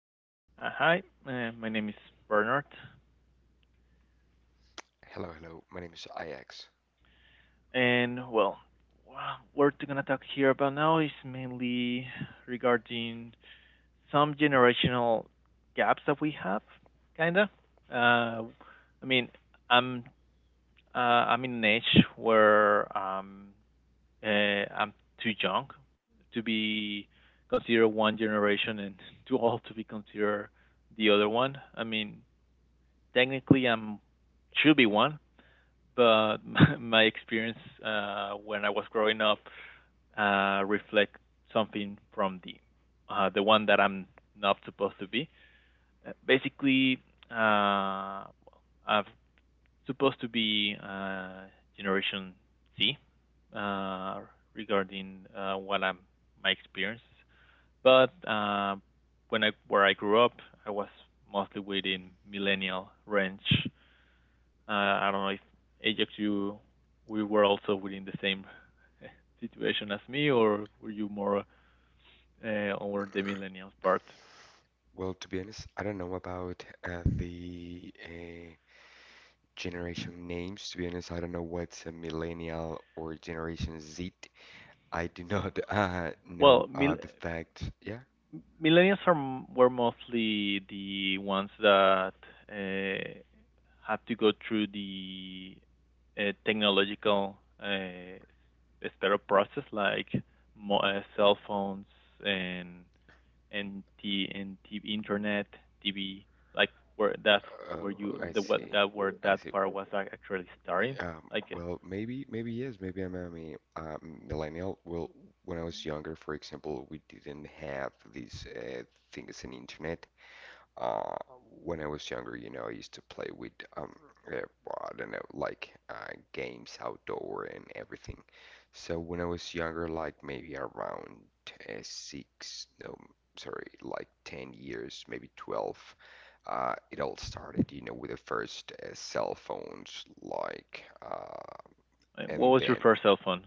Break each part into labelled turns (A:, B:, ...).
A: Um, Hi, my name is Bernard,
B: Hello, hello. My name is IX.
A: and wha- what we're gonna talk here about now is mainly regarding some generational gaps that we have, kinda. Uh, I mean, I'm I'm in an age where I'm too young to be considered one generation and too old to be considered the other one. I mean, technically, I'm should be one, but my experience when I was growing up reflect something from the one that I'm not supposed to be. Basically, uh, I'm supposed to be Generation C, uh, regarding what I'm my experience, but when I where I grew up, I was mostly within millennial range. uh, I don't know if Ajax, you we were also within the same situation as me, or were you more over the millennials part?
B: Well, to be honest, I don't know about the generation names. To be honest, I don't know what's a millennial or Generation Z. I do not
A: Well,
B: know
A: mil-
B: the fact. Yeah.
A: Millennials are were mostly the ones that uh, have to go through the technological s- process, like cell phones and and the internet TV, like where that's where
B: Oh,
A: you
B: I
A: the what
B: see.
A: that where
B: I
A: that
B: see.
A: part was actually starting
B: Um,
A: like
B: well, maybe, yes. Maybe I'm a uh, millennial. Well, when I was younger, for example, we didn't have these things in internet. Uh, when I was younger, you know, I used to play with um, I don't know, like games outdoor and everything. So when I was younger, like maybe around six, no, sorry, like 10 years, maybe 12, it all started, you know, with the first cell phones, like,
A: what was
B: and
A: your
B: then
A: first cell phone?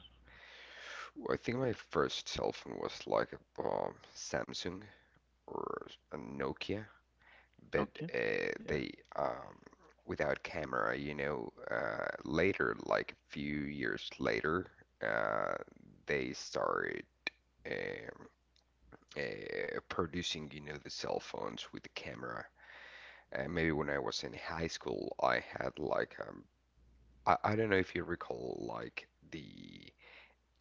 B: I think my first cell phone was like a Samsung or a Nokia, but
A: Nokia. yeah
B: they um, without camera, you know. Later, like a few years later, uh, they started um, producing, you know, the cell phones with the camera. Maybe when I was in high school, I had like I don't know if you recall like the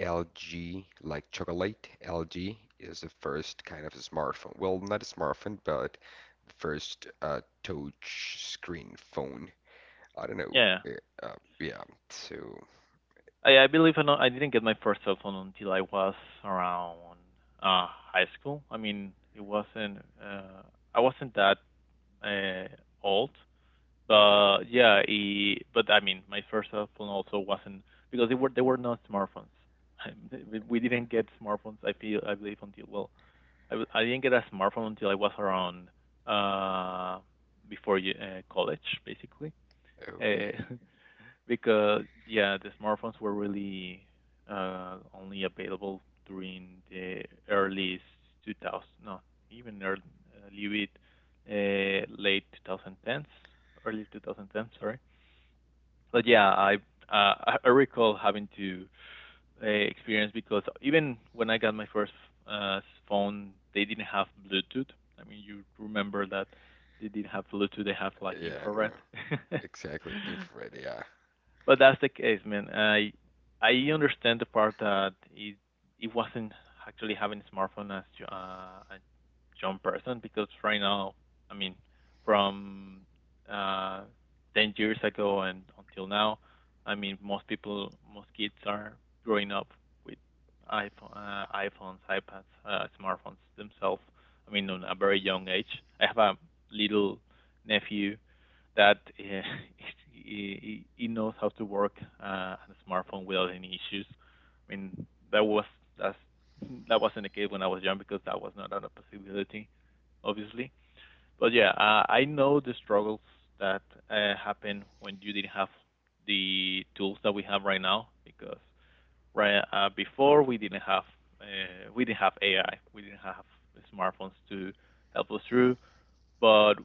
B: LG, like chocolate, LG is the first kind of a smartphone. Well, not a smartphone, but the first touch screen phone. I don't
A: yeah
B: know.
A: yeah.
B: Yeah, so,
A: I believe I, know, I didn't get my first cell phone until I was around uh high school. I mean, it wasn't I wasn't that uh old. But yeah, it, but I mean, my first cell phone also wasn't because they were not smartphones. Didn't get smartphones. I feel I believe until well, I didn't get a smartphone until I was around uh college basically. Uh,
B: okay.
A: Because yeah, the smartphones were really only available during the early 2000, no, even early, a little bit late 2010s, early 2010s, sorry. But yeah, I recall having to experience because even when I got my first uh, phone, they didn't have Bluetooth. I mean, you remember that they didn't have Bluetooth; they have like
B: Yeah, no,
A: infrared.
B: exactly. Infrared, yeah.
A: But that's the case, man. I understand the part that it wasn't actually having a smartphone as a young person because right now, I mean, from uh, 10 years ago and until now, I mean, most people, most kids are growing up with iPhones, iPads, smartphones themselves. I mean, on a very young age. I have a little nephew that he knows how to work on a smartphone without any issues. I mean, that was that's that wasn't the case when I was young because that was not a possibility, obviously. But yeah, I know the struggles that happen when you didn't have the tools that we have right now because right before we didn't have AI, we didn't have smartphones to help us through but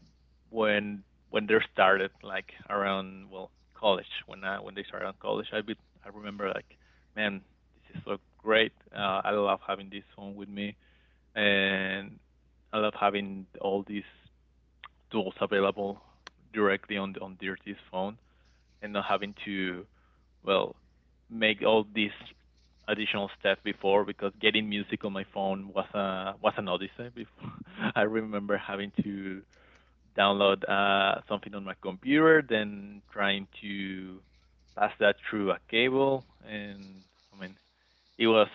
A: when when they started like around well college when they started on college I remember like man this is so great. I love having this phone with me and I love having all these tools available directly on their Dirty's phone and not having to well make all these additional steps before because getting music on my phone was a was an odyssey before. I remember having to download something on my computer, then trying to pass that through a cable, and I mean it was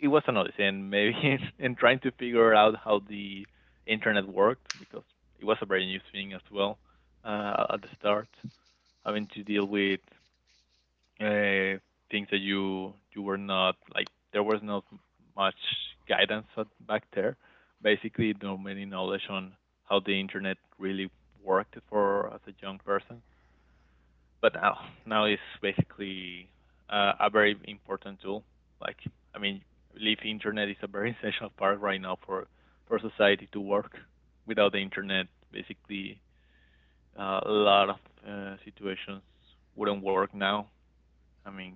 A: it was an odyssey, and maybe and trying to figure out how the internet worked because it was a very new thing as well at the start, having to deal with uh, things that you were not like there was not much guidance at, back there. Basically, no many knowledge on how the internet really worked for as a young person. But now it's basically a very important tool. Like I mean, I believe internet is a very essential part right now for society to work. Without the internet, basically a lot of situations wouldn't work now. I mean,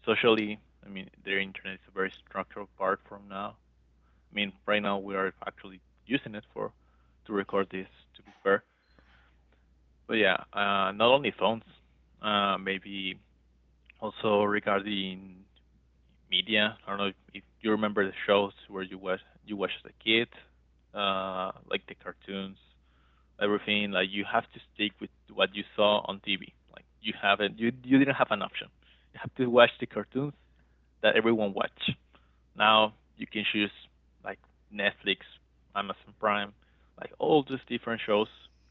A: socially, I mean, the internet is a very structural part from now. I mean, right now we are actually using it for to record this. To be fair, but yeah, not only phones, maybe also regarding media. I don't know if you remember the shows where you watch as a kid, like the cartoons, everything. Like you have to stick with what you saw on TV. Like you didn't have an option. You have to watch the cartoons that everyone watch. Now you can choose like Netflix, Amazon Prime, like all these different shows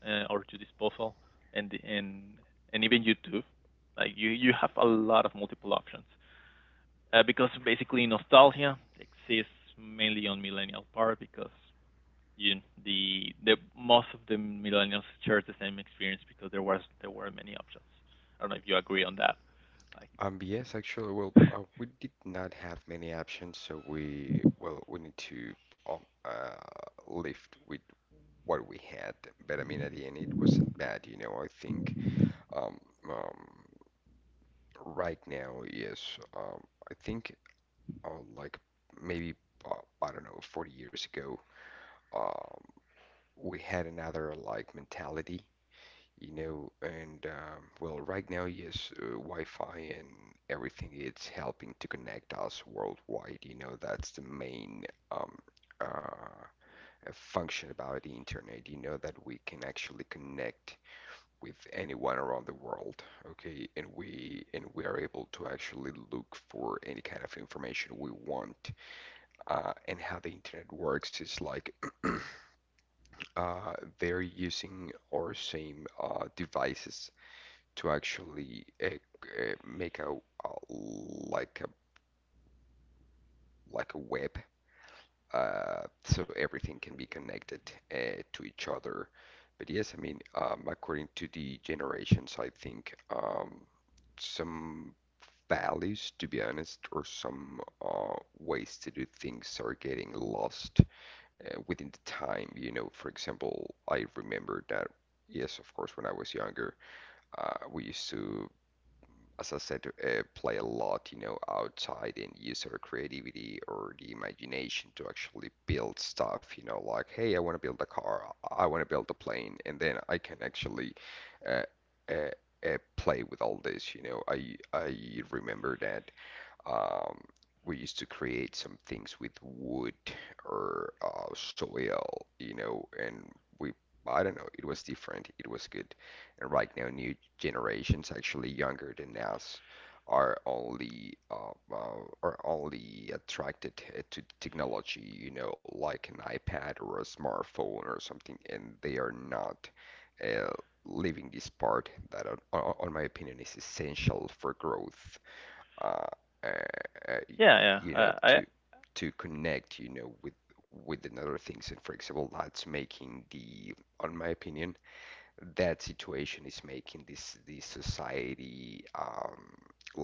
A: or to disposal, and and and even YouTube. Like you have a lot of multiple options because basically nostalgia exists mainly on millennial part because you the most of the millennials share the same experience because there were many options. I don't know if you agree on that. Like
B: Yes, actually, well, we did not have many options, so we, well, we need to um, uh, live with what we had. But I mean, at the end, it wasn't bad, you know. I think um, um, right now, yes. I think uh, like maybe uh, I don't know, 40 years ago, um, we had another like mentality, you know. And well, right now, yes, Wi-Fi and everything it's helping to connect us worldwide. You know, that's the main um, uh, function about the internet. You know that we can actually connect with anyone around the world, okay? And we are able to actually look for any kind of information we want. And how the internet works is like uh, they're using our same devices to actually make a like a web so everything can be connected to each other. But yes, I mean, according to the generations, I think some values, to be honest, or some uh, ways to do things are getting lost within the time. You know, for example, I remember that, yes, of course, when I was younger, we used to, as I said, play a lot, you know, outside and use our creativity or the imagination to actually build stuff, you know, like, hey, I want to build a car, I want to build a plane, and then I can actually uh, uh, play with all this, you know. I remember that um, we used to create some things with wood or soil, you know, and we, I don't know, it was different. It was good. And right now, new generations, actually younger than us, are only attracted to technology, you know, like an iPad or a smartphone or something, and they are not uh, leaving this part that, on my opinion, is essential for growth uh, uh, uh,
A: yeah yeah
B: you know,
A: I
B: to connect, you know, with another things. And for example, that's making the, on my opinion, that situation is making this society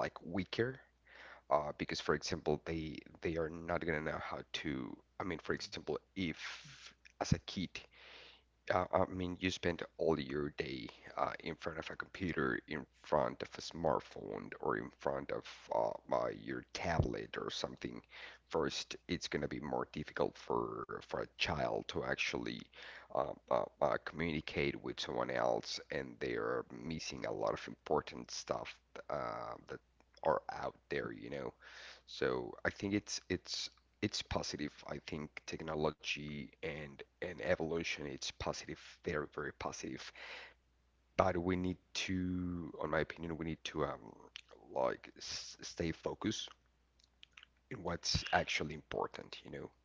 B: like weaker, because for example they are not gonna know how to, I mean for
A: Mm-hmm.
B: example if as a kid, I mean, you spend all your day in front of a computer, in front of a smartphone, or in front of your tablet or something. First, it's going to be more difficult for a child to actually communicate with someone else, and they are missing a lot of important stuff that are out there, you know. So I think it's positive. I think technology and evolution, it's positive, very, very positive. But we need to, on my opinion, we need to like s stay focused in what's actually important, you know?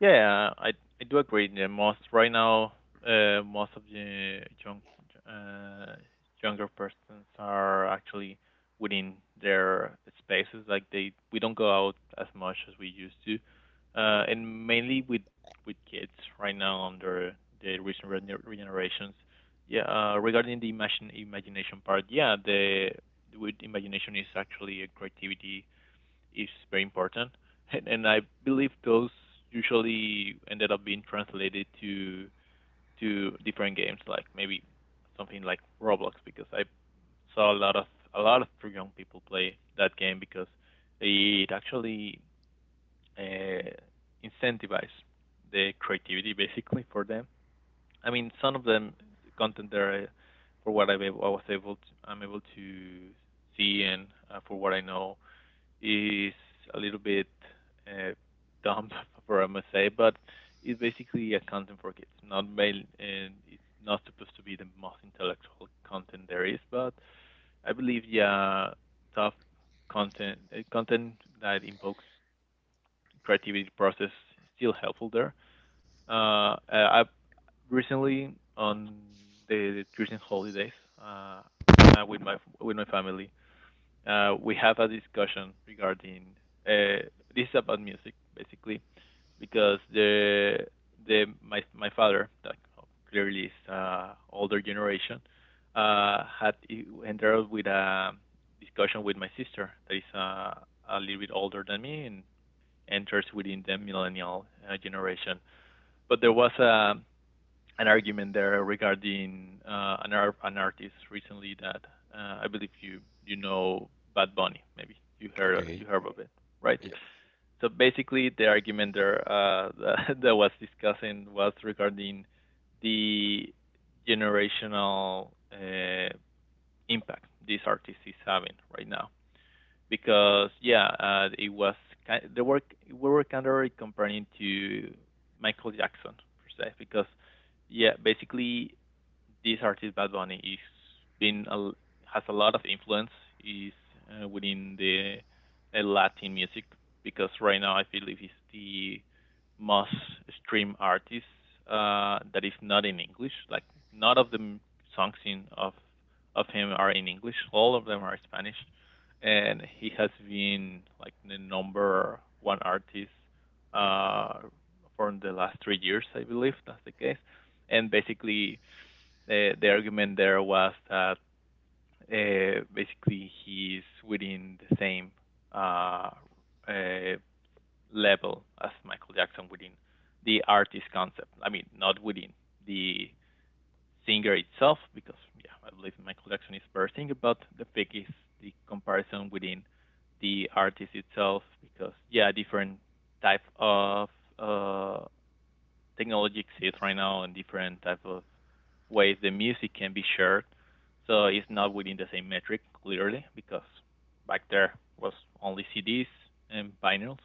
A: Yeah, yeah, I do agree. The most right now, most of the young uh, younger persons are actually within their spaces. Like they, we don't go out as much as we used to, and mainly with kids right now under the recent regenerations. Yeah, regarding the imagine imagination part, yeah, the with imagination is actually a creativity is very important, and I believe those usually ended up being translated to different games, like maybe something like Roblox, because I saw a lot of young people play that game because it actually uh, incentivized the creativity basically for them. I mean, some of them content there, for what I, was able to, I'm able to see and for what I know, is a little bit uh, dumb for I must say, but it's basically a content for kids. Not mail, and it's not supposed to be the most intellectual content there is, but I believe yeah, tough content that invokes creativity process is still helpful there. I recently on the Christmas holidays uh, with my family, we have a discussion regarding uh, this is about music basically because the my my father that clearly is older generation had entered with a discussion with my sister that is a little bit older than me and enters within the millennial generation. But there was a an argument there regarding an artist recently that I believe you you know Bad Bunny. Maybe you
B: Okay.
A: heard of it, right?
B: Yeah,
A: So basically, the argument there that that was discussing was regarding the generational impact this artist is having right now. Because yeah, it was ki the work we were kind of comparing to Michael Jackson per se. Because yeah, basically this artist Bad Bunny is been a has a lot of influence is within the Latin music because right now I believe he's the most streamed artist that is not in English. Like none of the songs in of him are in English. All of them are Spanish, and he has been like the number one artist uh, for the last 3 years, I believe that's the case. And basically, the argument there was that basically he's within the same uh, uh, level as Michael Jackson within the artist concept. I mean, not within the singer itself, because yeah, I believe Michael Jackson is per singer, but the pick is the comparison within the artist itself, because yeah, different type of uh, technology exists right now and different type of ways the music can be shared. So it's not within the same metric, clearly, because back there was only CDs and vinyls,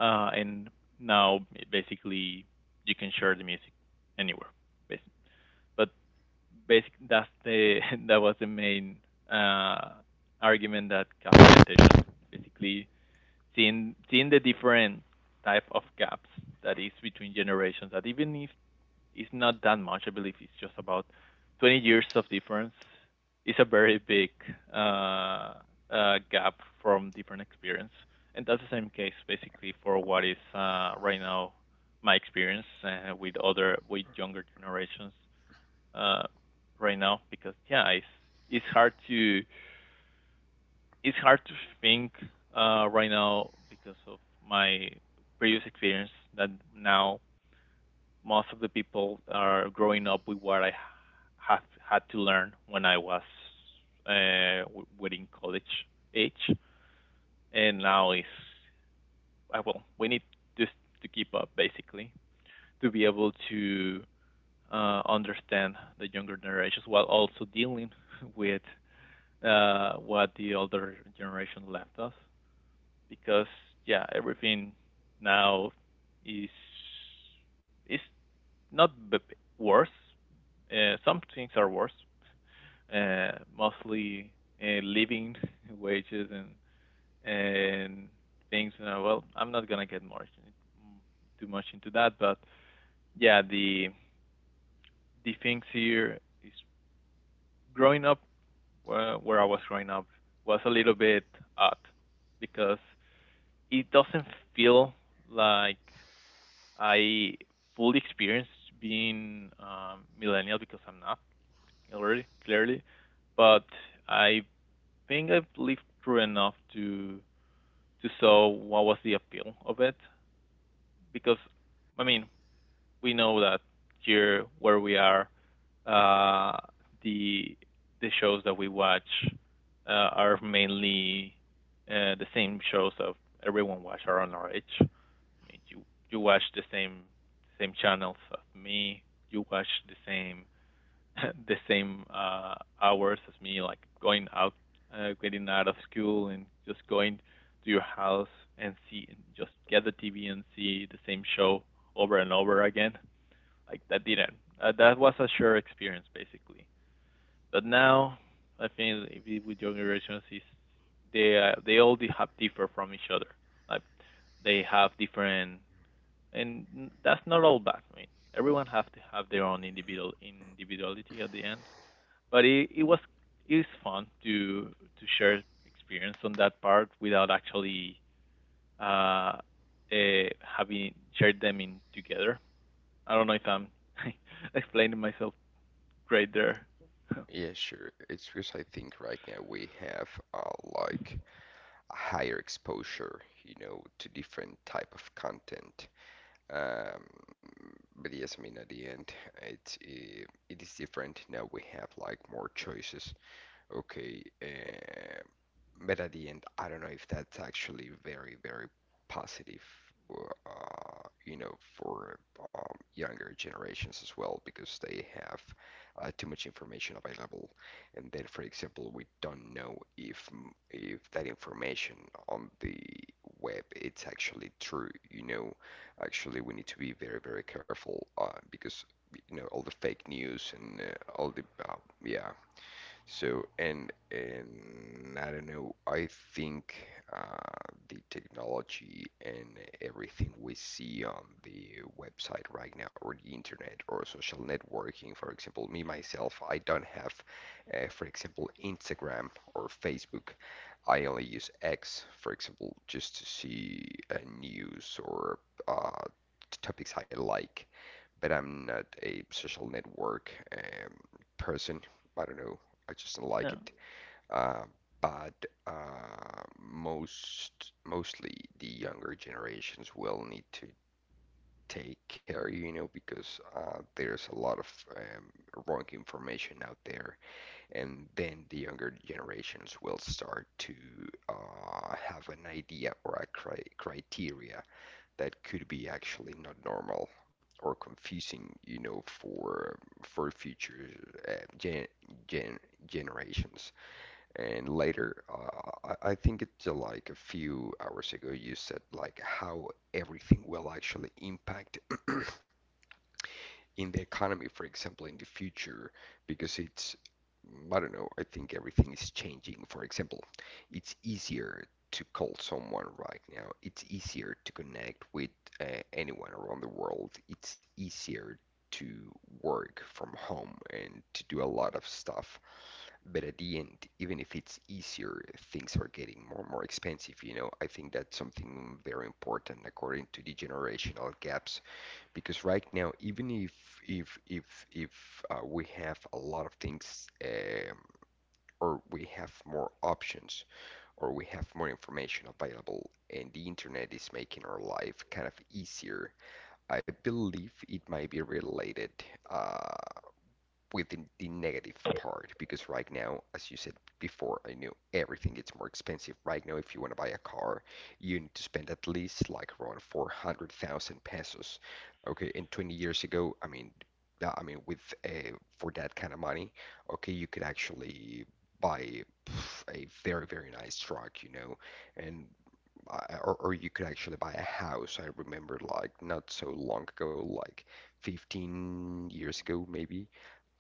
A: and now basically you can share the music anywhere. Basically. But basically, that's the that was the main uh, argument that caught my attention. Basically, seeing the different type of gaps that is between generations. That even if it's not that much. I believe it's just about 20 years of difference. It's a very big uh, gap from different experience, and that's the same case basically for what is right now my experience with other with younger generations uh, right now because yeah, it's hard to it's hard to think right now because of my previous experience that now most of the people are growing up with what I have had to learn when I was uh, within college age, and now is I well, we need just to keep up basically to be able to understand the younger generations while also dealing with what the older generation left us because yeah everything now is is not worse. Some things are worse. Mostly living wages and things. And well, I'm not gonna get more too much into that, but yeah, the things here is growing up where I was growing up was a little bit odd because it doesn't feel like I fully experienced being millennial because I'm not. Clearly, clearly, but I think I've lived through enough to saw what was the appeal of it because I mean we know that here where we are, uh, the the shows that we watch are mainly the same shows that everyone watch around our age. I mean you watch the same channels as me. You watch the same the same hours as me, like going out, getting out of school, and just going to your house and see, and just get the TV and see the same show over and over again. Like that didn't. That was a sure experience basically. But now, I think with younger generations, is they all have differ from each other. Like they have different, and that's not all bad. I mean, everyone have to have their own individuality at the end but it was it was fun to share experience on that part without actually uh, uh having shared them in together. I don't know if I'm explaining myself great there.
B: yeah, sure. It's because I think right now we have like a higher exposure, you know, to different type of content. Um, but yes, I mean, at the end, it's uh, it is different now. We have like more choices. Okay, but at the end, I don't know if that's actually very, very positive, you know, for younger generations as well, because they have too much information available, and then, for example, we don't know if that information on the web it's actually true. You know, actually, we need to be very, very careful, because you know all the fake news and all the yeah. So, and I don't know, I think uh, the technology and everything we see on the website right now, or the internet, or social networking, for example, me myself, I don't have, for example, Instagram or Facebook. I only use X, for example, just to see news or uh, topics I like. But I'm not a social network um, person. I don't know. I just don't like
A: No.
B: it. Uh, but most mostly the younger generations will need to take care, you know, because there's a lot of um, wrong information out there, and then the younger generations will start to have an idea or a criteria that could be actually not normal or confusing, you know, for future uh, gen gen generations. And later, I think it's like a few hours ago, you said like how everything will actually impact in the economy, for example, in the future, because it's, I don't know, I think everything is changing. For example, it's easier to call someone right now, it's easier to connect with anyone around the world, it's easier to work from home and to do a lot of stuff. But at the end, even if it's easier, things are getting more and more expensive, you know. I think that's something very important according to the generational gaps. Because right now, even if we have a lot of things, or we have more options, or we have more information available, and the internet is making our life kind of easier, I believe it might be related. Uh, within the negative part because right now, as you said before, I know everything gets more expensive. Right now, if you want to buy a car, you need to spend at least like around 400,000 pesos. Okay, and 20 years ago, I mean, with a for that kind of money, okay, you could actually buy a very, very nice truck, you know, and or you could actually buy a house. I remember like not so long ago, like 15 years ago, maybe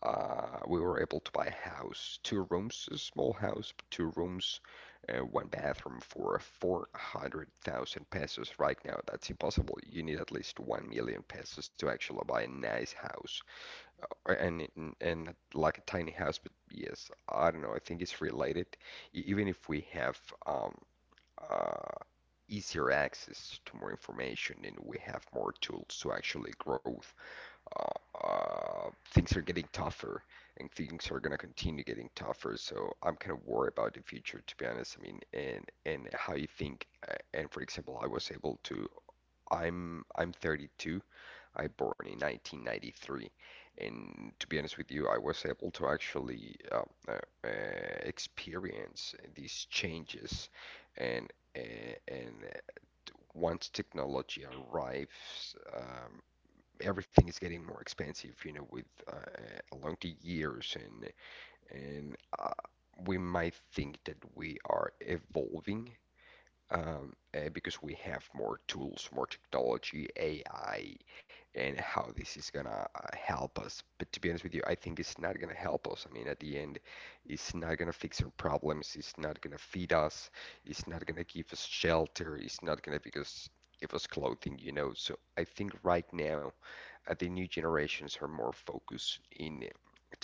B: we were able to buy a house, two rooms, a small house, two rooms, one bathroom for 400,000 pesos. Right now that's impossible. You need at least 1 million pesos to actually buy a nice house, and like a tiny house. But yes, I don't know, I think it's related. E- Even if we have um uh, easier access to more information and we have more tools to actually grow, things are getting tougher and things are going to continue getting tougher. So I'm kind of worried about the future, to be honest. I mean, and how you think. And for example, I was able to. I'm 32. I born in 1993, and to be honest with you, I was able to actually uh, experience these changes, and and, and once technology arrives. Everything is getting more expensive, you know, with along the years, and and uh, we might think that we are evolving because we have more tools, more technology, AI, and how this is gonna help us. But to be honest with you, I think it's not gonna help us. I mean, at the end, it's not gonna fix our problems. It's not gonna feed us. It's not gonna give us shelter. It's not gonna because give us clothing, you know. So I think right now the new generations are more focused in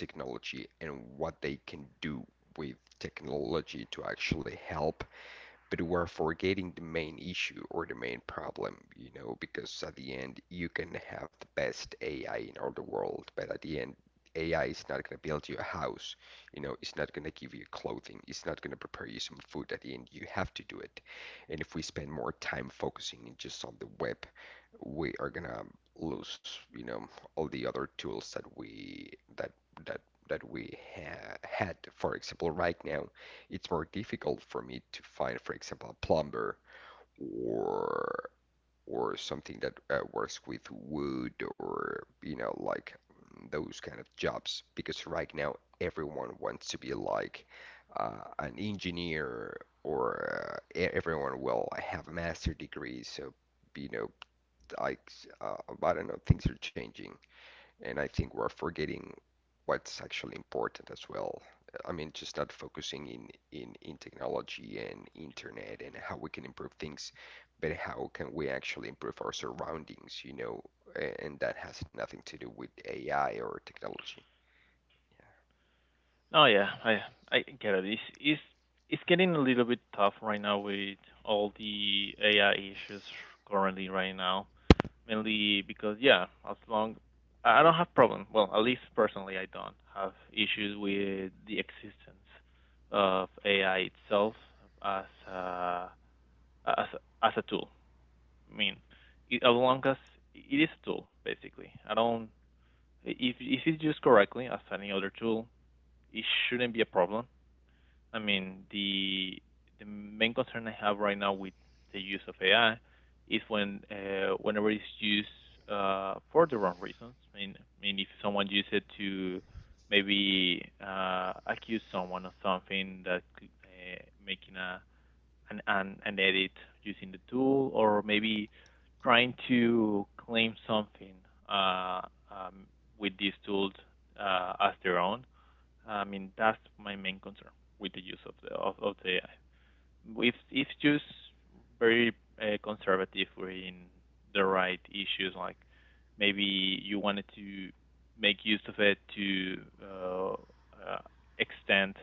B: technology and what they can do with technology to actually help, but we're forgetting the main issue or the main problem, you know, because at the end you can have the best AI in all the world, but at the end AI is not going to build you a house, you know, it's not going to give you clothing, it's not going to prepare you some food at the end. You have to do it. And if we spend more time focusing just on the web we are gonna lose, you know, all the other tools that we that that that we ha had. For example, right now, it's more difficult for me to find, for example, a plumber or or something that works with wood or you know like those kind of jobs because right now everyone wants to be like an engineer or everyone will have a master degree, so you know like uh, I don't know, things are changing, and I think we're forgetting what's actually important as well. I mean, just not focusing in technology and internet and how we can improve things, but how can we actually improve our surroundings, you know? And that has nothing to do with AI or technology.
A: Oh yeah, I get it. It's getting a little bit tough right now with all the AI issues currently right now. Mainly because yeah, as long I don't have problem. Well, at least personally, I don't have issues with the existence of AI itself as a, as as a tool. I mean, it, as long as it is a tool, basically. I don't if it's used correctly as any other tool, it shouldn't be a problem. I mean, the main concern I have right now with the use of AI is when whenever it's used for the wrong reasons. I mean, if someone uses it to maybe accuse someone of something that could, making a an edit using the tool, or maybe trying to claim something uh, um, with these tools as their own. I mean, that's my main concern with the use of the AI. If it's just very conservative in the right issues, like maybe you wanted to make use of it to uh, uh, extend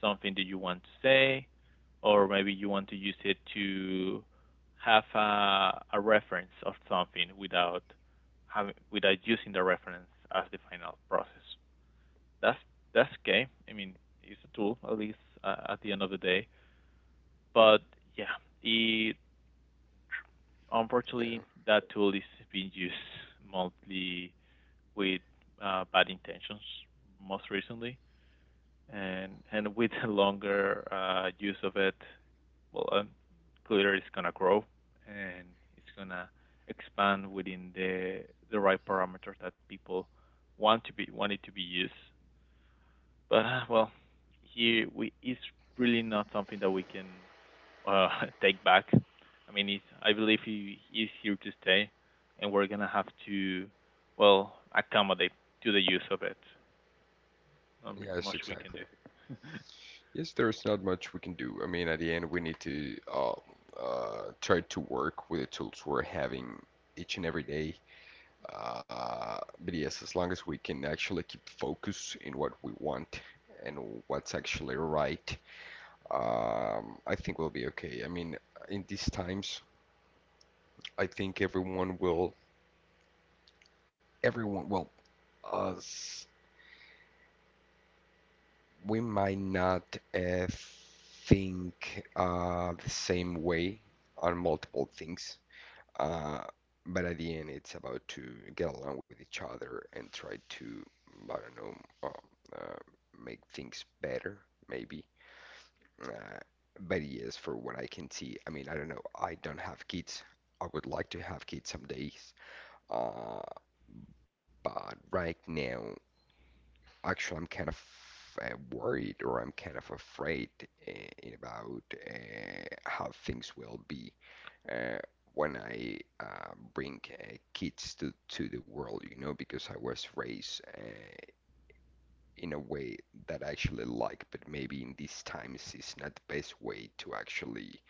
A: something that you want to say, or maybe you want to use it to have a reference of something without having without using the reference as the final process, that's that's okay. I mean, it's a tool at least at the end of the day. But yeah, it
B: Yeah.
A: unfortunately that tool is being used mostly with bad intentions most recently, and with a longer use of it, well, Twitter is gonna grow and it's gonna expand within the right parameters that people want to be want it to be used. But well, here we it's really not something that we can uh, take back. I mean, he's, I believe he is here to stay, and we're gonna have to well accommodate to the use of it. I mean,
B: Yes,
A: much we can
B: exactly.
A: do.
B: Yes, there's not much we can do. I mean, at the end, we need to uh, try to work with the tools we're having each and every day. Uh, but yes, as long as we can actually keep focus in what we want and what's actually right, I think we'll be okay. I mean, in these times, I think everyone, well, us, we might not think the same way on multiple things. Uh, but at the end, it's about to get along with each other and try to, I don't know, make things better, maybe. Uh, but yes, for what I can see, I mean, I don't know, I don't have kids. I would like to have kids some days. Uh, but right now, actually, I'm kind of worried, or I'm kind of afraid uh, about how things will be uh, when I bring kids to the world, you know, because I was raised in a way that I actually like, but maybe in these times it's not the best way to actually,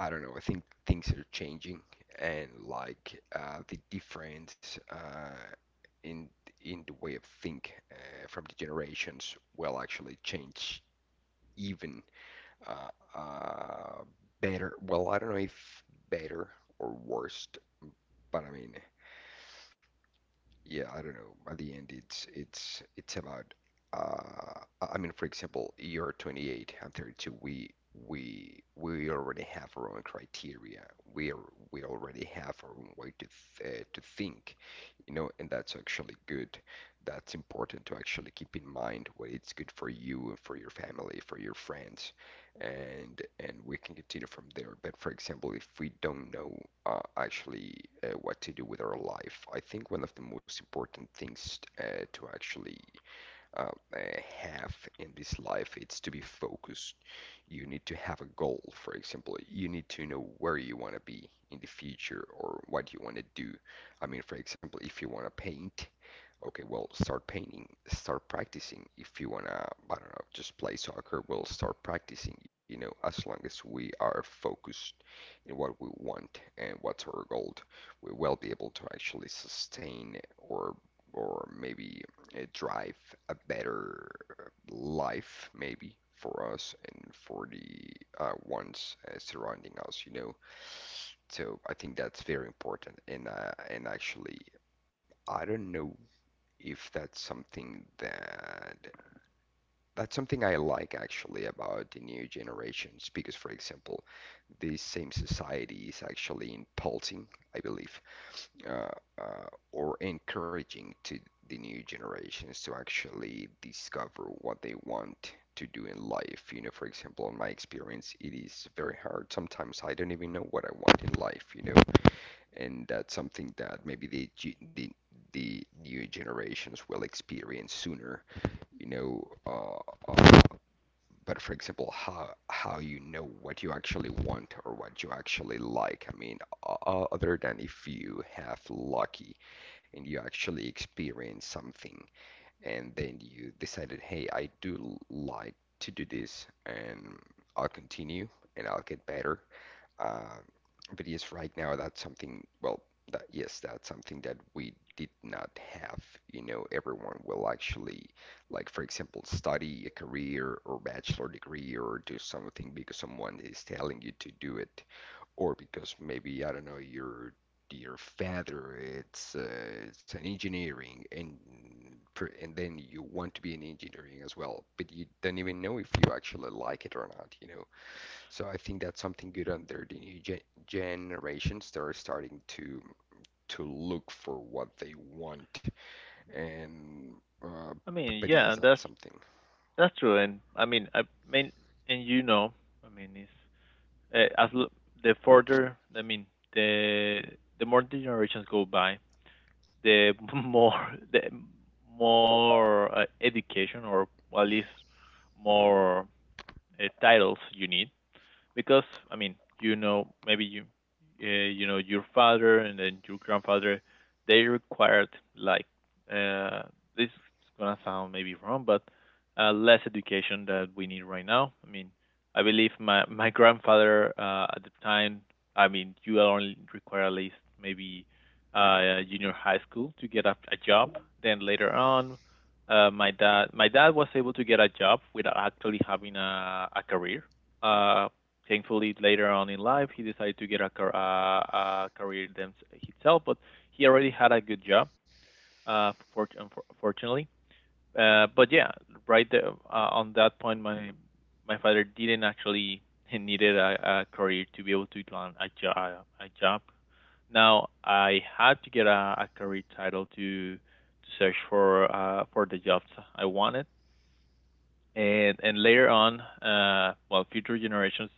B: I don't know, I think things are changing and like the difference in in the way of think from the generations will actually change even uh, uh, better. Well, I don't know if better or worse. But I mean, yeah, I don't know. At the end, it's about. I mean, for example, you're 28, I'm 32. We already have our own criteria. We are we already have our own way to th to think, you know, and that's actually good. That's important to actually keep in mind what it's good for you and for your family, for your friends, and we can continue from there. But for example, if we don't know actually what to do with our life, I think one of the most important things to actually uh, have in this life. It's to be focused. You need to have a goal, for example. You need to know where you want to be in the future or what you want to do. I mean, for example, if you want to paint, okay, well, start painting, start practicing. If you want to, I don't know, just play soccer, we'll start practicing, you know, as long as we are focused in what we want and what's our goal, we will be able to actually sustain or maybe drive a better life, maybe for us and for the ones surrounding us, you know. So I think that's very important. And and actually, I don't know if that's something that that's something I like actually about the new generations because, for example, this same society is actually impulsing, I believe, uh, or encouraging to the new generations to actually discover what they want to do in life. You know, for example, in my experience, it is very hard. Sometimes I don't even know what I want in life, you know, and that's something that maybe the the new generations will experience sooner. You know, but for example, how you know what you actually want or what you actually like. I mean, other than if you have lucky and you actually experience something and then you decided, hey, I do like to do this and I'll continue and I'll get better. Um, but yes, right now that's something, well, that yes, that's something that we did not have. You know, everyone will actually, like for example, study a career or bachelor degree or do something because someone is telling you to do it, or because maybe, I don't know, your father it's an engineering and and then you want to be an engineering as well, but you don't even know if you actually like it or not, you know. So I think that's something good under the new generations. They're starting to look for what they want, and
A: I mean,
B: but
A: yeah,
B: yes, that's something.
A: that's true, and I mean, and you know, I mean, it's uh, as l- the further, I mean, the the more the generations go by, the more the more education or at least more titles you need because I mean, you know, maybe you, you know, your father and then your grandfather, they required like uh, this is gonna sound maybe wrong, but less education that we need right now. I mean, I believe my grandfather at the time, I mean, you only require at least maybe junior high school to get a job. Then later on, my dad was able to get a job without actually having a career. Uh, Thankfully, later on in life, he decided to get a, a career himself, but he already had a good job, uh, for- fortunately. But yeah, right there, on that point, my father didn't actually needed a career to be able to land a job. Now I had to get a career title to search for the jobs I wanted. And later on, well, future generations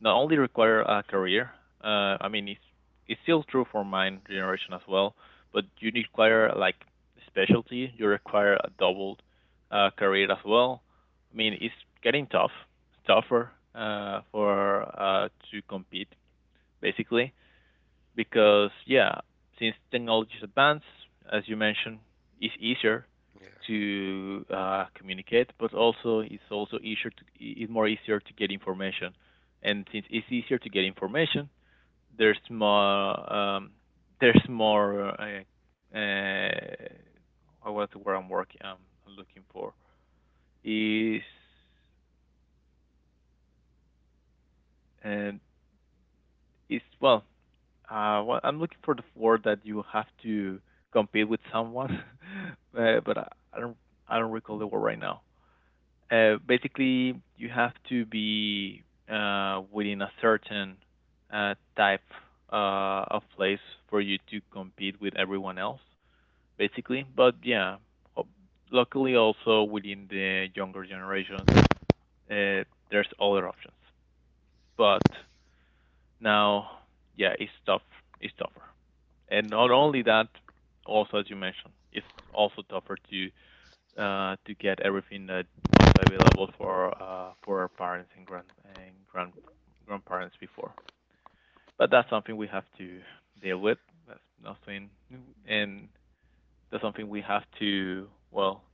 A: not only require a career. I mean, it's still true for mine generation as well, but you require like specialty. You require a double career as well. I mean, it's getting tougher for to compete basically because yeah, since technology is advanced, as you mentioned, it's easier
B: Yeah.
A: to communicate, but also it's also easier to it's more easier to get information, and since it's easier to get information, there's more um, there's more oh, what's the word I'm looking for is and it's well. Well, I'm looking for the word that you have to compete with someone, but I don't I don't recall the word right now. Basically, you have to be within a certain type of place for you to compete with everyone else, basically. But yeah, ho- luckily also within the younger generations, uh, there's other options. But now, yeah, it's tough. It's tougher. And not only that, also as you mentioned, it's also tougher to get everything that was available for our parents and grandparents before. But that's something we have to deal with. That's nothing, and that's something we have to well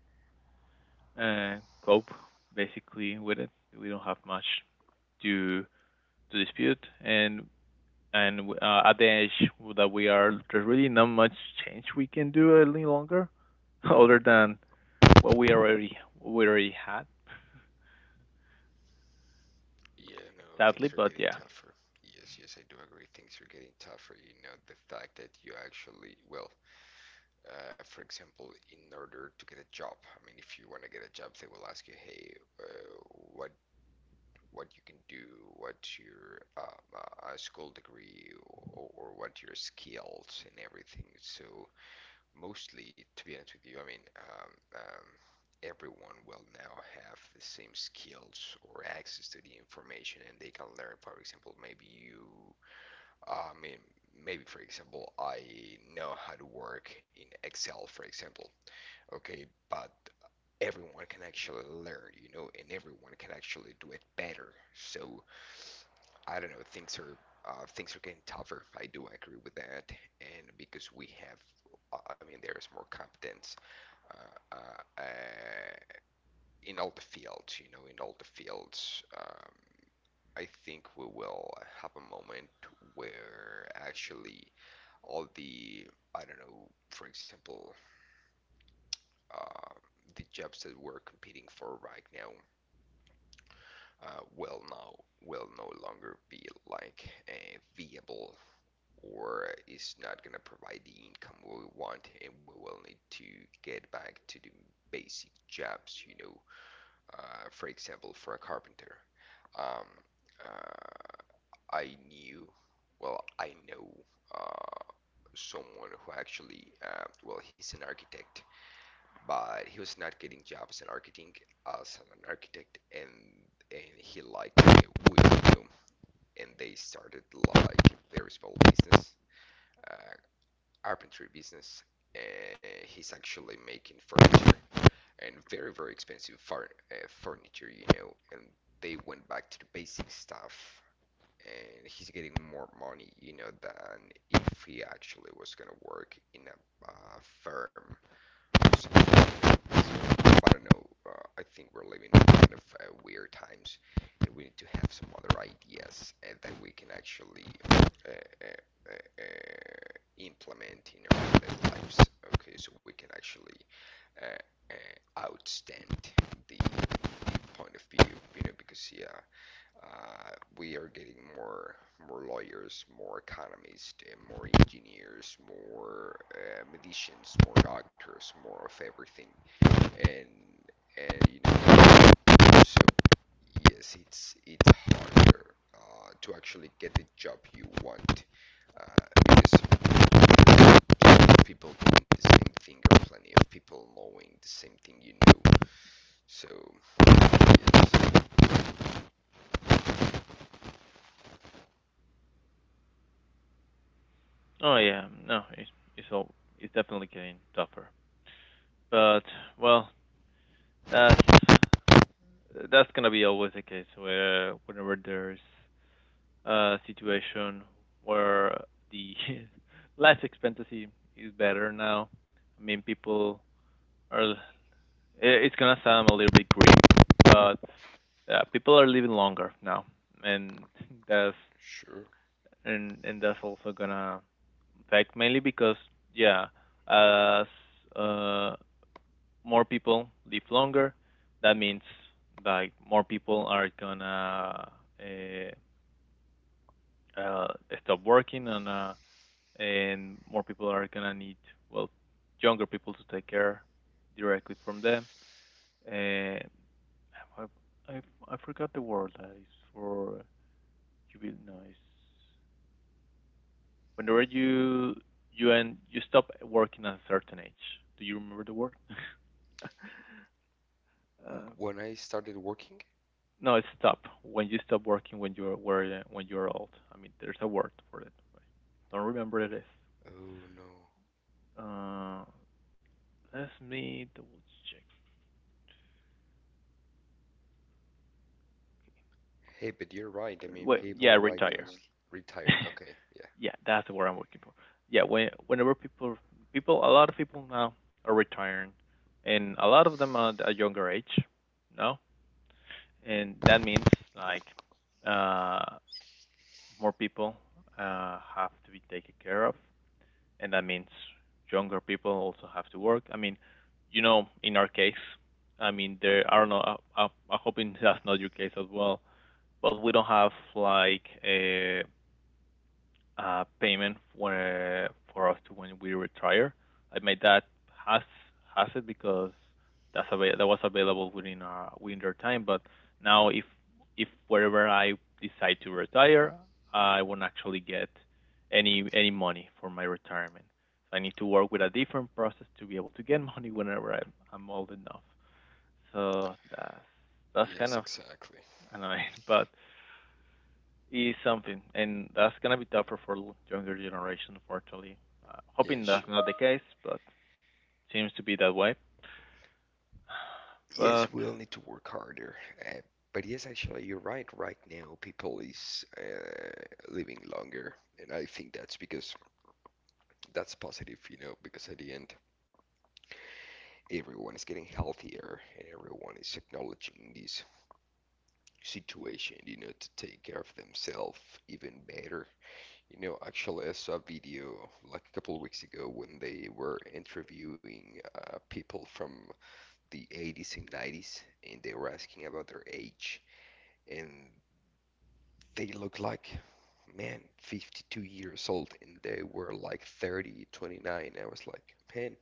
A: uh, cope basically with it. We don't have much to to dispute, and at the age that we are, there's really not much change we can do any longer, other than what we already had,
B: Yeah, no,
A: sadly.
B: things are
A: But
B: getting
A: yeah,
B: tougher. Yes, yes, I do agree. Things are getting tougher. You know, the fact that you actually, well, for example, in order to get a job, I mean, if you want to get a job, they will ask you, hey, uh, what what you can do, what your school degree, or what your skills and everything. So mostly, to be honest with you, I mean, everyone will now have the same skills or access to the information, and they can learn. For example, maybe you, I mean, maybe for example, I know how to work in Excel, for example. Okay, but everyone can actually learn, you know, and everyone can actually do it better. So I don't know. Things are getting tougher. I do agree with that, and because we have, I mean, there is more competence uh, uh, uh, in all the fields. You know, in all the fields. I think we will have a moment where actually all the I don't know, for example, uh, the jobs that we're competing for right now uh, will now will no longer be like viable or is not gonna provide the income we want, and we will need to get back to the basic jobs, you know, for example, for a carpenter. Um, uh, I knew, well, I know uh, someone who actually, well, he's an architect, but he was not getting jobs in architecting as an architect, and he liked it with you know, and they started like their small business. Uh, Carpentry business. Uh, he's actually making furniture, and very, very expensive furniture, you know. And they went back to the basic stuff, and he's getting more money, you know, than if he actually was gonna work in a firm. I don't know. I think we're living in kind of weird times, and we need to have some other ideas that we can actually uh, uh, uh, implement in our daily lives. Okay, so we can actually outstand the point of view, you know, because yeah, uh, we are getting more lawyers, more economists, and more engineers, more medicians, more doctors, more of everything, and and you know, so yes, it's harder to actually get the job you want because plenty of people doing the same thing or plenty of people knowing the same thing, you know. So yes,
A: oh yeah, no, it's all it's definitely getting tougher. But well, that's that's gonna be always the case where whenever there's a situation where the life expectancy is better now. I mean, people are. It's gonna sound a little bit grim, but people are living longer now, and that's
B: sure.
A: and that's also gonna affect mainly because yeah, as uh, more people live longer, that means like more people are gonna uh, uh, stop working and more people are gonna need well younger people to take care directly from them. Uh, I I I forgot the word that is for Cubic noise. When were you you and you stop working at a certain age? Do you remember the word? uh,
B: When I started working,
A: no, it's stop. When you stop working when you're where when you're old. I mean, there's a word for it. But don't remember it is.
B: oh no.
A: Uh, Let me double
B: Hey, but you're right. I
A: check.
B: mean,
A: Wait, yeah,
B: people right now
A: retire.
B: is retired. Okay, yeah.
A: Yeah, that's the word I'm looking for. Yeah, when whenever people people a lot of people now are retiring, and a lot of them are at a younger age. No, and that means like uh, more people have to be taken care of, and that means younger people also have to work. I mean, you know, in our case, I mean, there I don't know. I'm hoping that's not your case as well, but we don't have like a payment for us to when we retire. I made that has has it because that's that was available within within their time. But now if wherever I decide to retire, I won't actually get any money for my retirement. So I need to work with a different process to be able to get money whenever I'm old enough. So that's
B: Yes,
A: kind of
B: exactly.
A: annoying, but is something, and that's gonna be tougher for younger generation, unfortunately.
B: Yeah,
A: Hoping that's
B: sure.
A: not the case, but seems to be that way. But
B: Yes, we'll need to work harder. Uh, but yes, actually, you're right. Right now, people is living longer, and I think that's because that's positive, you know, because at the end, everyone is getting healthier, and everyone is acknowledging this situation, you know, to take care of themselves even better. You know, actually, I saw a video like a couple of weeks ago when they were interviewing people from the 80s and 90s, and they were asking about their age, and they looked like, man, 52 years old, and they were like 30, 29. I was like, man,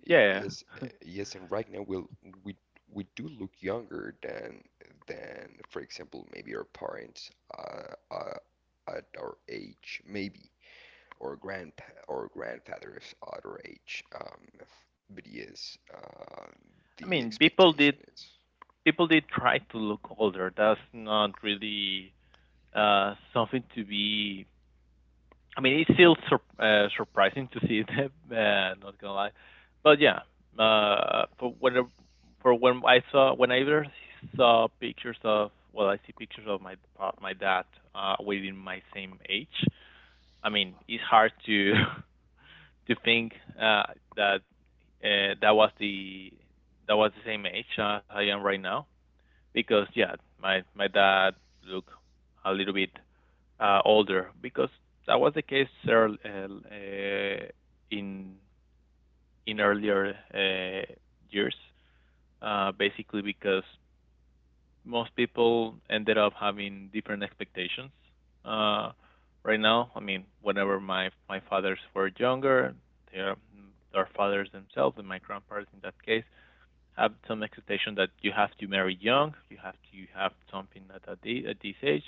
A: yeah,
B: yes, yes, and right now we'll, we we do look younger than, for example, maybe our parents uh, uh, at our age, maybe or grandpa or grandfather's older age. But yes,
A: I
B: the
A: mean,
B: expectation is,
A: people did try to look older. That's not really something to be. I mean, it's still surprising to see them. Not gonna lie, but yeah, uh, for when for when I saw when I first saw pictures of well, I see pictures of my dad within my same age. I mean, it's hard to to think uh, that uh, that was the that was the same age as I am right now because yeah, my dad look a little bit older because that was the case in in earlier years, basically because most people ended up having different expectations. Uh, right now, I mean, whenever my fathers were younger, their their fathers themselves and my grandparents in that case have some expectation that you have to marry young, you have to you have something at a, at this age,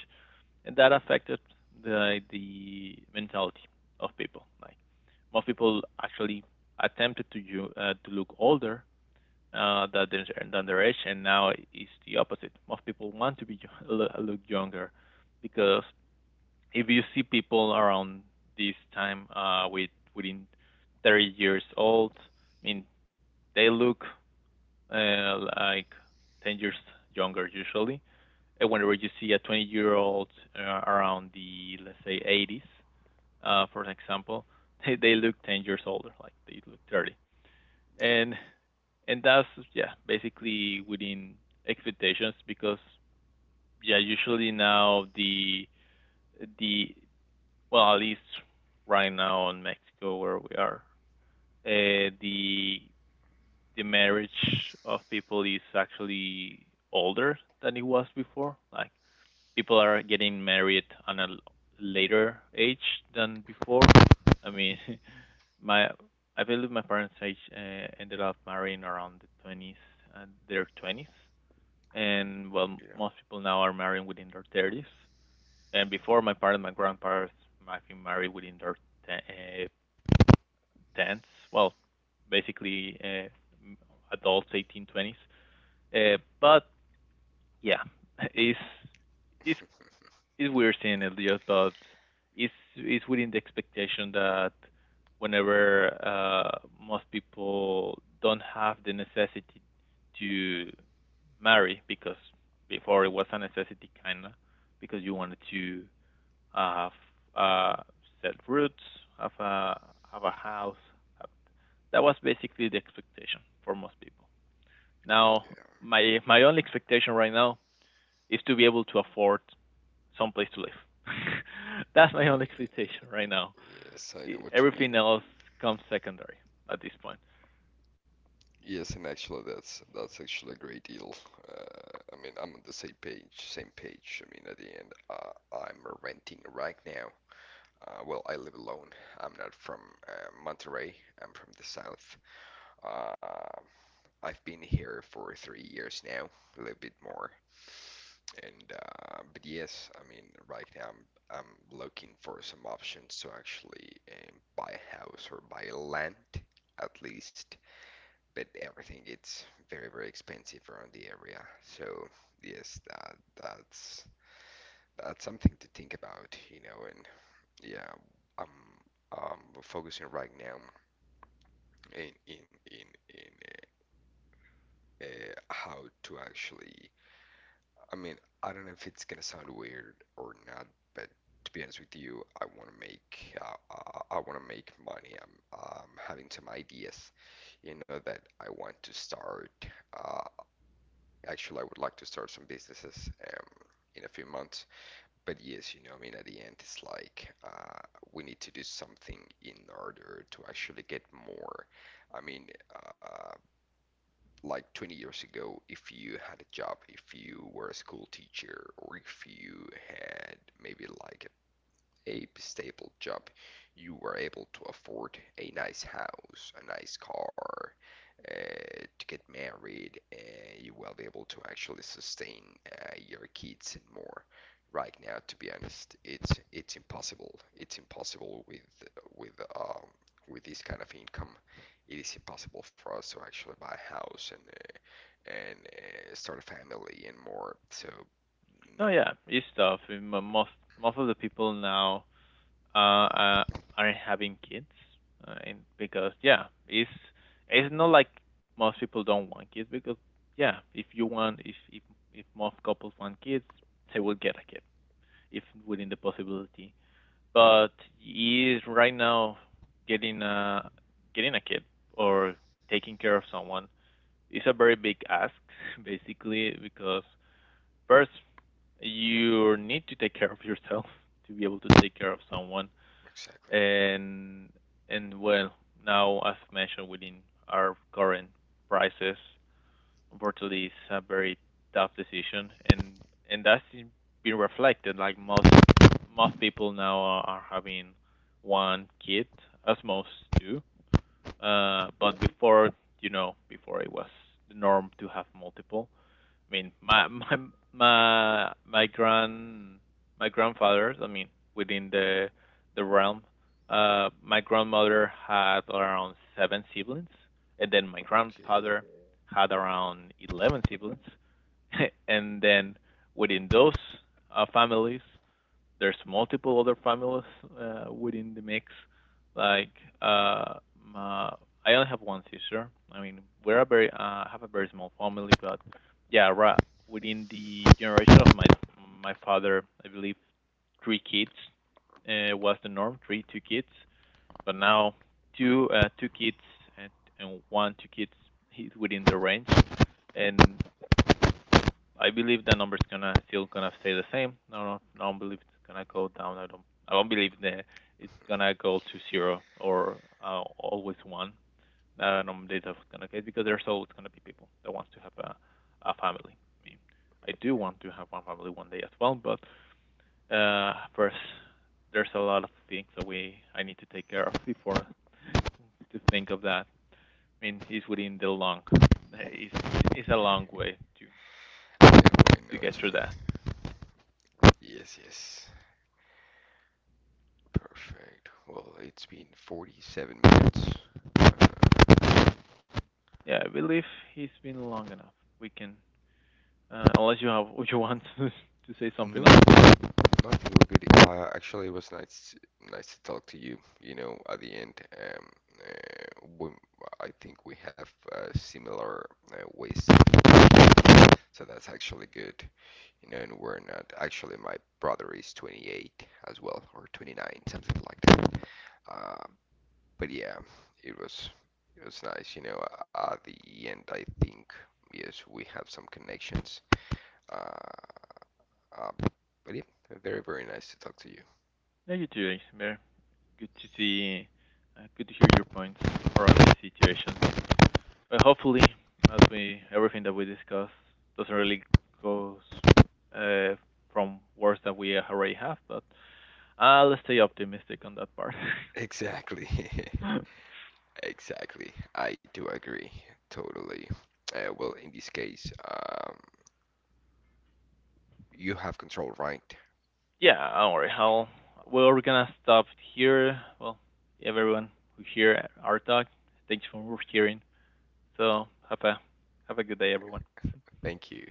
A: and that affected the mentality of people. Like most people actually attempted to look older uh, than their, than their age, and now it's the opposite. Most people want to be look younger because if you see people around this time with within 30 years old, I mean they look like 10 years younger usually, and whenever you see a 20-year-old around the, let's say, 80s, for an example, they look 10 years older, like they look 30.
B: yeah,
A: And and that's yeah basically within expectations because yeah, usually now the well, at least right now in Mexico where we are, uh, the the marriage of people is actually older than it was before, like people are getting married on a later age than before. I mean, my I believe my parents' age ended up marrying around the 20s, their 20s, and well,
B: yeah,
A: most people now are marrying within their 30s. And before, my parents, my grandparents might be married within their te- 10s. Well, basically m- adults, 18 twenties. But yeah, it's it's is we're seeing it, yeah, but it's within the expectation that whenever most people don't have the necessity to marry, because before it was a necessity kind of, because you wanted to have uh, set roots, have a have a house. That was basically the expectation for most people. Now,
B: yeah.
A: my only expectation right now is to be able to afford someplace to live. That's my only expectation right now.
B: Yes, I know what you
A: Everything
B: mean.
A: else comes secondary at this point.
B: Yes, and actually, that's actually a great deal. I mean, I'm on the same page, same page. I mean, at the end, I'm renting right now. Well, I live alone. I'm not from Monterrey. I'm from the south. Uh, I've been here for 3 years now, a little bit more. And but yes, I mean, right now I'm looking for some options to actually buy a house or buy land at least. But everything it's very very expensive around the area. So yes, that's that's something to think about, you know. And yeah, I'm I'm focusing right now in how to actually I mean, I don't know if it's gonna sound weird or not, but to be honest with you, I want to make I want to make money. I'm having some ideas, you know, that I want to start. Uh, Actually, I would like to start some businesses in a few months. But yes, you know, I mean, at the end, it's like we need to do something in order to actually get more. I mean, uh, like 20 years ago if you had a job if you were a school teacher or if you had maybe like a stable job, you were able to afford a nice house, a nice car, to get married, you will be able to actually sustain your kids and more. Right now, to be honest, it's impossible. It's impossible with with um, with this kind of income. It is impossible for us to actually buy a house and start a family and more. So
A: Oh
B: no,
A: yeah, it's tough. Most most of the people now uh, uh aren't having kids, and because yeah, it's not like most people don't want kids, because yeah, if you want, if if most couples want kids, they will get a kid if within the possibility, but he is right now getting a getting a kid or taking care of someone is a very big ask, basically because first you need to take care of yourself to be able to take care of someone.
B: exactly.
A: and and well, now as mentioned, within our current prices, unfortunately it's a very tough decision, and that's been reflected, like most of most people now are having one kid as most do. But before, you know, before it was the norm to have multiple. I mean, my my grand my grandfather. I mean, within the realm, my grandmother had around seven siblings, and then my
B: Okay.
A: grandfather had around 11 siblings, and then within those families, there's multiple other families within the mix. Like uh, my, I only have one sister. I mean, we're a very have a very small family, but yeah, right within the generation of my father, I believe three kids was the norm, 3 2 kids. But now two two kids and, and 1 2 kids is within the range, and I believe the number's gonna still gonna stay the same. No, no, no, I don't believe it's gonna go down. I don't. I don't believe that it's gonna go to zero or always one. No data is gonna get, because there's always gonna be people that wants to have a family. I mean, I do want to have one family one day as well, but first there's a lot of things that we I need to take care of before to think of that. I mean, it's within the long. It's a long way to
B: Yeah, wait, no,
A: to get
B: it's
A: through that.
B: me. Yes, yes. Perfect. Well, it's been 47 minutes. Uh,
A: Yeah, I believe he's been long enough. We can, unless you have, if you want to, say
B: no,
A: something else. We,
B: not you good. Actually, it was nice, nice to talk to you. You know, at the end, uh, we, I think we have similar ways of so that's actually good. You know, and we're not. Actually, my brother is 28 as well, or 29, something like that. Uh, but yeah, it was it was nice, you know. At the end, I think yes, we have some connections. Uh, uh, but yeah, very very nice to talk to you.
A: no, you too, Ismer. Good to see, good to hear your points around these situations. But hopefully, as we everything that we discuss doesn't really goes uh, from worse than we already have. But let's stay optimistic on that part.
B: Exactly, exactly. I do agree totally. Well, in this case, you have control, right?
A: Yeah, don't worry. I'll, well, we're gonna stop here. Well, everyone who hear our talk, thanks for hearing. So have a good day, everyone.
B: Thank you.